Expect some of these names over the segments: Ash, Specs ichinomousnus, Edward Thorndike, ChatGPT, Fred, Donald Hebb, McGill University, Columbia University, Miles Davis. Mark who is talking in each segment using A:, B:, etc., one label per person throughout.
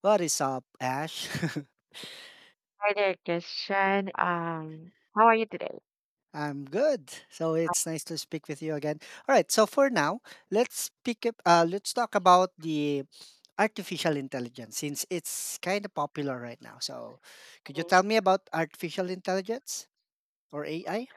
A: What is up, Ash?
B: Hi there, Christian. How are you today?
A: I'm good. So it's nice to speak with you again. All right. So for now, let's pick up. Let's talk about the artificial intelligence since it's kind of popular right now. So could you
B: Mhm.
A: tell me about artificial intelligence or AI?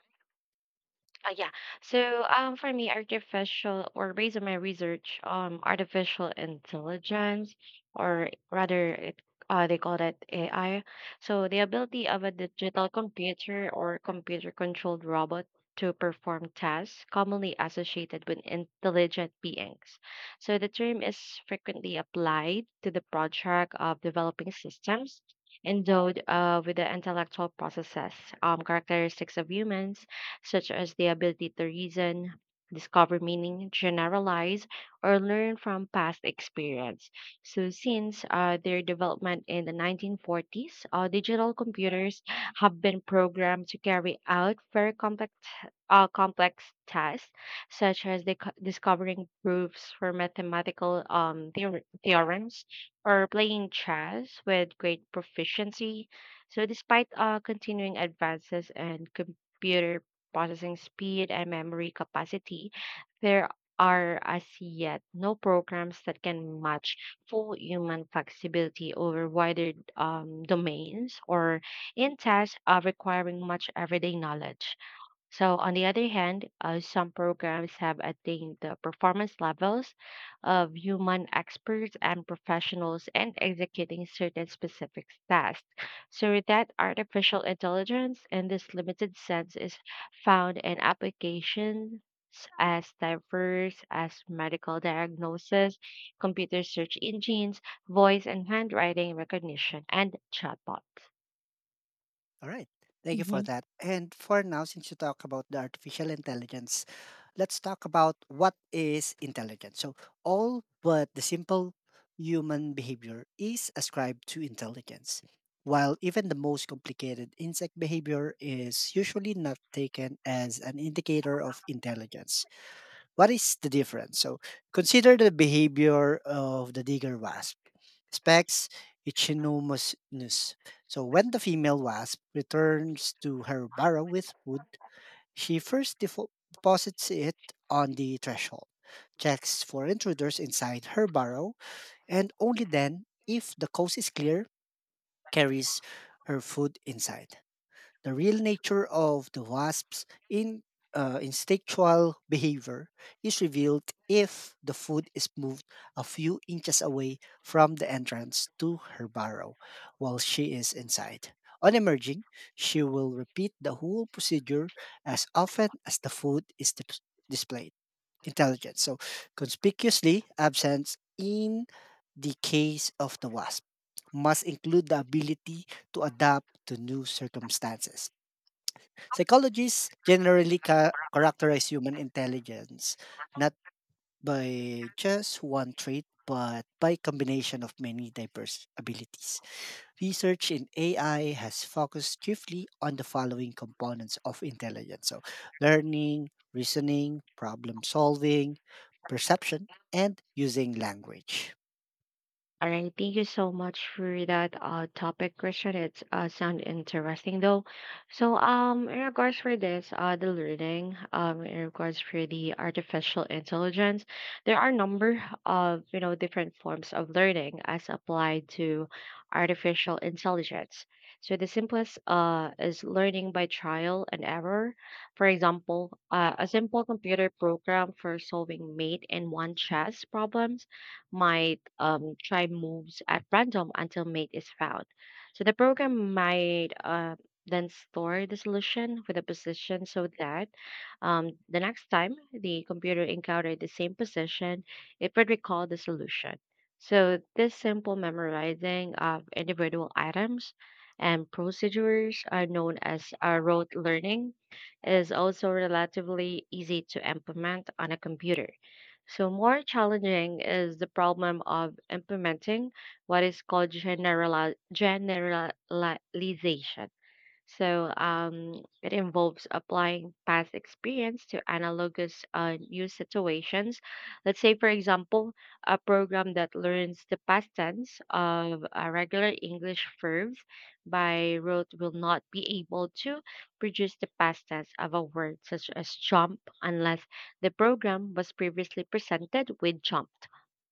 B: Yeah. For me, artificial or based on my research, artificial intelligence, or rather, they call that AI. So the ability of a digital computer or computer-controlled robot to perform tasks commonly associated with intelligent beings. So the term is frequently applied to the project of developing systems endowed with the intellectual processes, characteristics of humans such as the ability to reason, discover meaning, generalize, or learn from past experience. So, since their development in the 1940s, digital computers have been programmed to carry out very complex tasks, such as discovering proofs for mathematical theorems or playing chess with great proficiency. So, despite continuing advances in computer processing speed and memory capacity, there are as yet no programs that can match full human flexibility over wider domains or in tasks requiring much everyday knowledge. So, on the other hand, some programs have attained the performance levels of human experts and professionals and executing certain specific tasks. So, with that, artificial intelligence in this limited sense is found in applications as diverse as medical diagnosis, computer search engines, voice and handwriting recognition, and chatbots.
A: All right. Thank you for that. And for now, since you talk about the artificial intelligence, let's talk about what is intelligence. So all but the simple human behavior is ascribed to intelligence, while even the most complicated insect behavior is usually not taken as an indicator of intelligence. What is the difference? So consider the behavior of the digger wasp. Specs ichinomousnus. So when the female wasp returns to her burrow with food, she first deposits it on the threshold, checks for intruders inside her burrow, and only then, if the coast is clear, carries her food inside the real nature of the wasp's instinctual behavior is revealed if the food is moved a few inches away from the entrance to her burrow while she is inside. On emerging, she will repeat the whole procedure as often as the food is displayed. Intelligence. So, conspicuously absent in the case of the wasp must include the ability to adapt to new circumstances. Psychologists generally characterize human intelligence not by just one trait, but by combination of many diverse abilities. Research in AI has focused chiefly on the following components of intelligence: so learning, reasoning, problem solving, perception, and using language.
B: All right, thank you so much for that topic, question. It's sound interesting though. In regards for this, the learning, um, in regards for the artificial intelligence, there are a number of different forms of learning as applied to artificial intelligence. So the simplest is learning by trial and error. For example, a simple computer program for solving mate and one chess problems might try moves at random until mate is found. So the program might then store the solution with a position so that the next time the computer encountered the same position, it would recall the solution. So this simple memorizing of individual items and procedures are known as rote learning, is also relatively easy to implement on a computer. So, more challenging is the problem of implementing what is called generalization. So it involves applying past experience to analogous new situations. Let's say, for example, a program that learns the past tense of regular English verbs by rote will not be able to produce the past tense of a word such as jump unless the program was previously presented with jumped.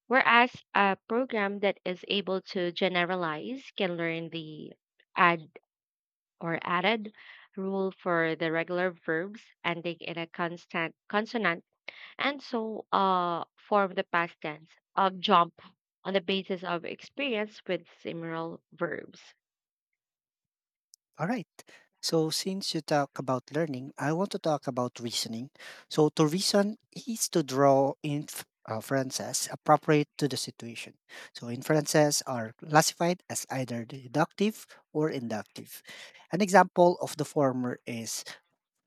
B: Whereas a program that is able to generalize can learn the adjective or added rule for the regular verbs ending in a constant consonant, and so form the past tense of jump on the basis of experience with similar verbs.
A: All right. So since you talk about learning, I want to talk about reasoning. So to reason is to draw inferences appropriate to the situation. So inferences are classified as either deductive or inductive. An example of the former is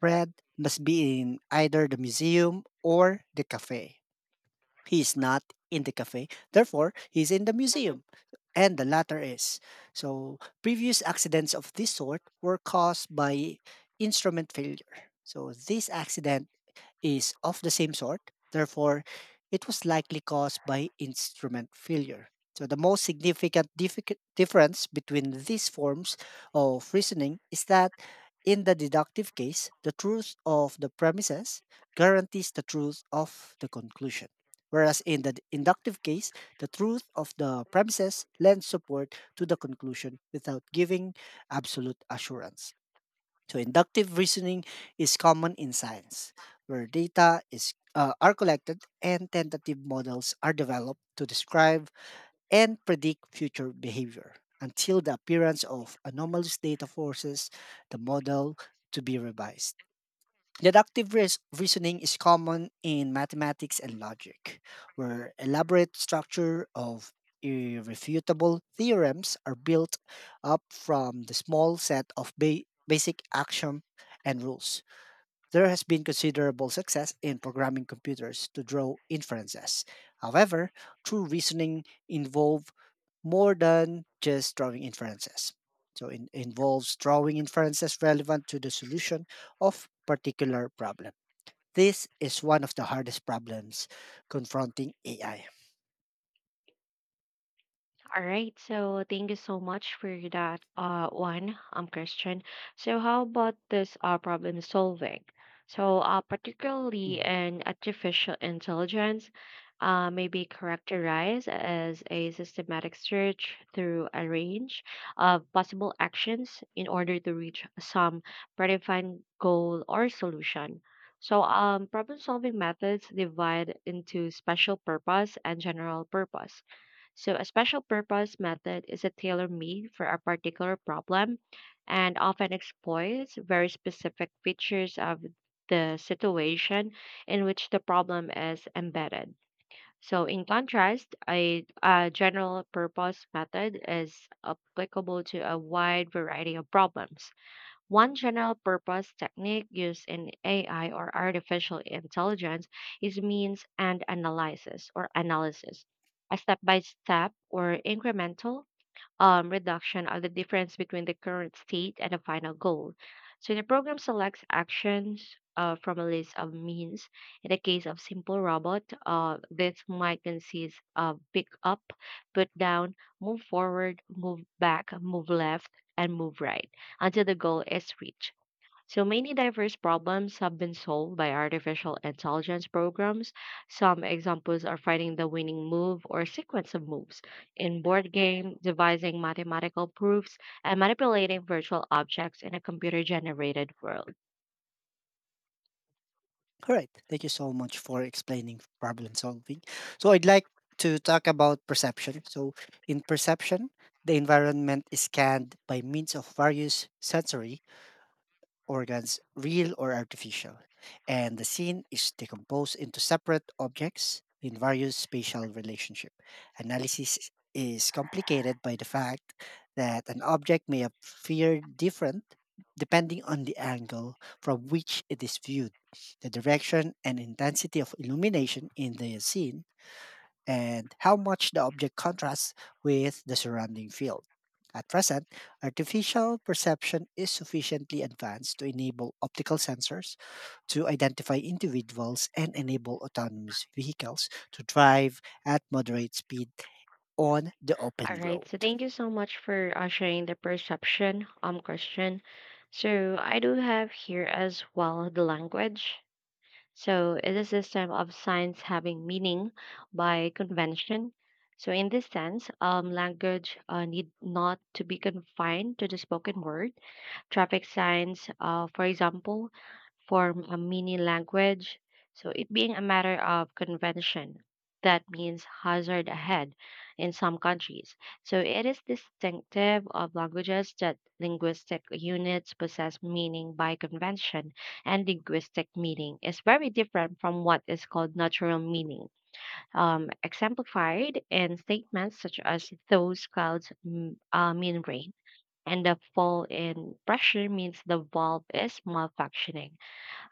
A: Fred must be in either the museum or the cafe. He is not in the cafe, therefore he is in the museum. And the latter is. So previous accidents of this sort were caused by instrument failure. So this accident is of the same sort. Therefore, it was likely caused by instrument failure. So the most significant difference between these forms of reasoning is that in the deductive case, the truth of the premises guarantees the truth of the conclusion. Whereas in the inductive case, the truth of the premises lends support to the conclusion without giving absolute assurance. So inductive reasoning is common in science, where data is are collected and tentative models are developed to describe and predict future behavior until the appearance of anomalous data forces the model to be revised. Deductive reasoning is common in mathematics and logic, where elaborate structure of irrefutable theorems are built up from the small set of basic axiom and rules. There has been considerable success in programming computers to draw inferences. However, true reasoning involves more than just drawing inferences. So it involves drawing inferences relevant to the solution of particular problem. This is one of the hardest problems confronting AI.
B: All right, so thank you so much for that one, um, Christian. So how about this problem solving? So particularly
A: Mhm.
B: in artificial intelligence may be characterized as a systematic search through a range of possible actions in order to reach some predefined goal or solution. So problem solving methods divide into special purpose and general purpose. So a special purpose method is a tailor made for a particular problem and often exploits very specific features of the situation in which the problem is embedded. So, in contrast, a general purpose method is applicable to a wide variety of problems. One general purpose technique used in AI or artificial intelligence is means and analysis or analysis, a step by step or incremental reduction of the difference between the current state and the final goal. So the program selects actions from a list of means. In the case of simple robot, this might consist of pick up, put down, move forward, move back, move left, and move right until the goal is reached. So many diverse problems have been solved by artificial intelligence programs. Some examples are finding the winning move or sequence of moves in board game, devising mathematical proofs, and manipulating virtual objects in a computer-generated world.
A: All right. Thank you so much for explaining problem solving. So I'd like to talk about perception. So in perception, the environment is scanned by means of various sensory organs, real or artificial, and the scene is decomposed into separate objects in various spatial relationship. Analysis is complicated by the fact that an object may appear different depending on the angle from which it is viewed, the direction and intensity of illumination in the scene, and how much the object contrasts with the surrounding field. At present, artificial perception is sufficiently advanced to enable optical sensors to identify individuals and enable autonomous vehicles to drive at moderate speed on the
B: All
A: open
B: right.
A: road.
B: So thank you so much for sharing the perception, Christian. So I do have here as well the language. So it is a system of signs having meaning by convention. So in this sense, language need not to be confined to the spoken word. Traffic signs, for example, form a mini language. So it being a matter of convention. That means hazard ahead in some countries. So it is distinctive of languages that linguistic units possess meaning by convention, and linguistic meaning is very different from what is called natural meaning, exemplified in statements such as those clouds mean rain and the fall in pressure means the valve is malfunctioning.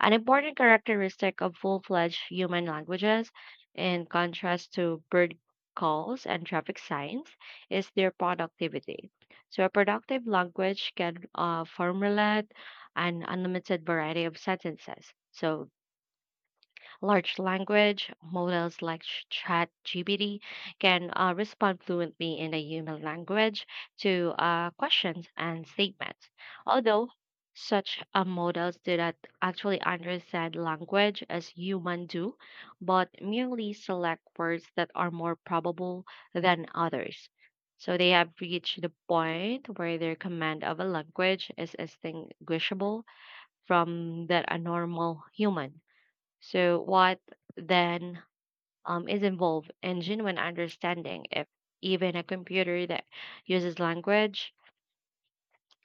B: An important characteristic of full fledged human languages, in contrast to bird calls and traffic signs, is their productivity. So a productive language can formulate an unlimited variety of sentences. So large language models like ChatGPT can respond fluently in a human language to questions and statements. Although such models do not actually understand language as humans do, but merely select words that are more probable than others. So they have reached the point where their command of a language is distinguishable from that a normal human. So, what then is involved in genuine understanding if even a computer that uses language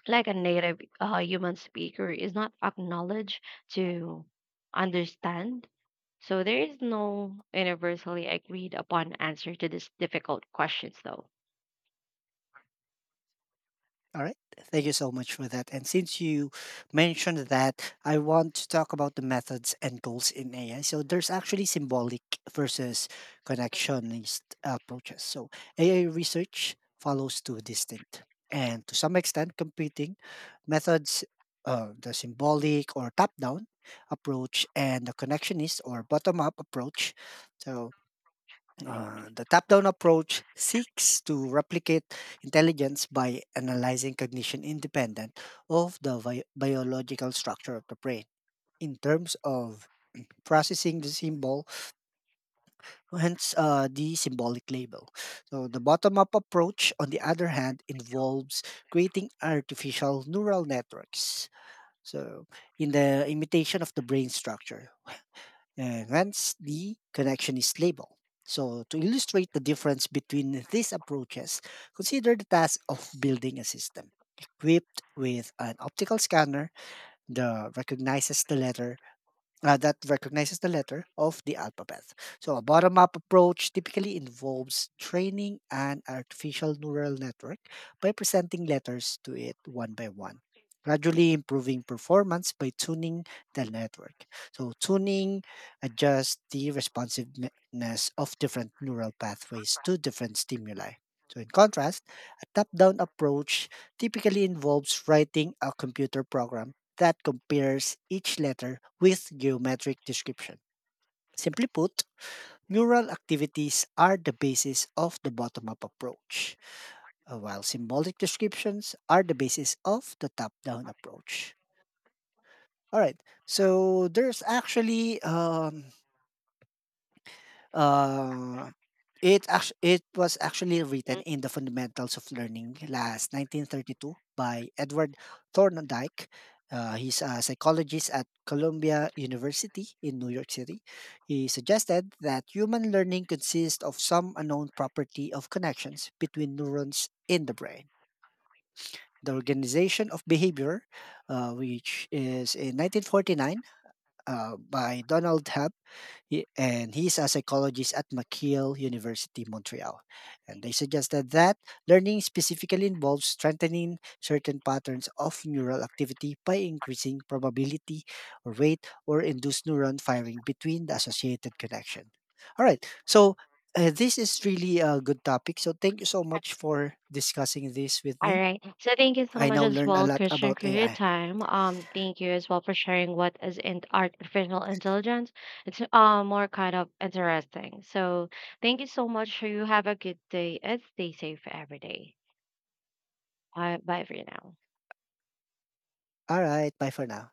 B: like a native human speaker is not acknowledged to understand? So, there is no universally agreed upon answer to these difficult questions, though.
A: All right. Thank you so much for that. And since you mentioned that, I want to talk about the methods and goals in AI. So there's actually symbolic versus connectionist approaches. So AI research follows two distinct and to some extent competing methods, the symbolic or top down approach and the connectionist or bottom up approach. So the top down approach seeks to replicate intelligence by analyzing cognition independent of the biological structure of the brain in terms of processing the symbol, hence the symbolic label. So the bottom up approach, on the other hand, involves creating artificial neural networks. So in the imitation of the brain structure hence the connection is label. So to illustrate the difference between these approaches, consider the task of building a system equipped with an optical scanner that recognizes the letter that recognizes the letter of the alphabet. So a bottom up approach typically involves training an artificial neural network by presenting letters to it one by one, gradually improving performance by tuning the network. So tuning adjusts the responsiveness of different neural pathways to different stimuli. So, in contrast, a top down approach typically involves writing a computer program that compares each letter with geometric description. Simply put, neural activities are the basis of the bottom up approach, while symbolic descriptions are the basis of the top down approach. All right, so there's actually Uh, it actu it was actually written in the Fundamentals of Learning last 1932 by Edward Thorndike. He's a psychologist at Columbia University in New York City. He suggested that human learning consists of some unknown property of connections between neurons in the brain. The organization of behavior, which is in 1949 by Donald Hebb, he's a psychologist at McGill University, Montreal. And they suggested that learning specifically involves strengthening certain patterns of neural activity by increasing probability or rate or induced neuron firing between the associated connection. All right. So this is really a good topic. So thank you so much for discussing this with
B: All
A: me.
B: right. So thank you so
A: I
B: much
A: now
B: as
A: learned a
B: well,
A: lot
B: Christian,
A: about
B: for your
A: AI.
B: time. Thank you as well for sharing what is in artificial intelligence. It's more kind of interesting. So thank you so much. You have a good day and stay safe every day. Bye for now.
A: All right. Bye for now.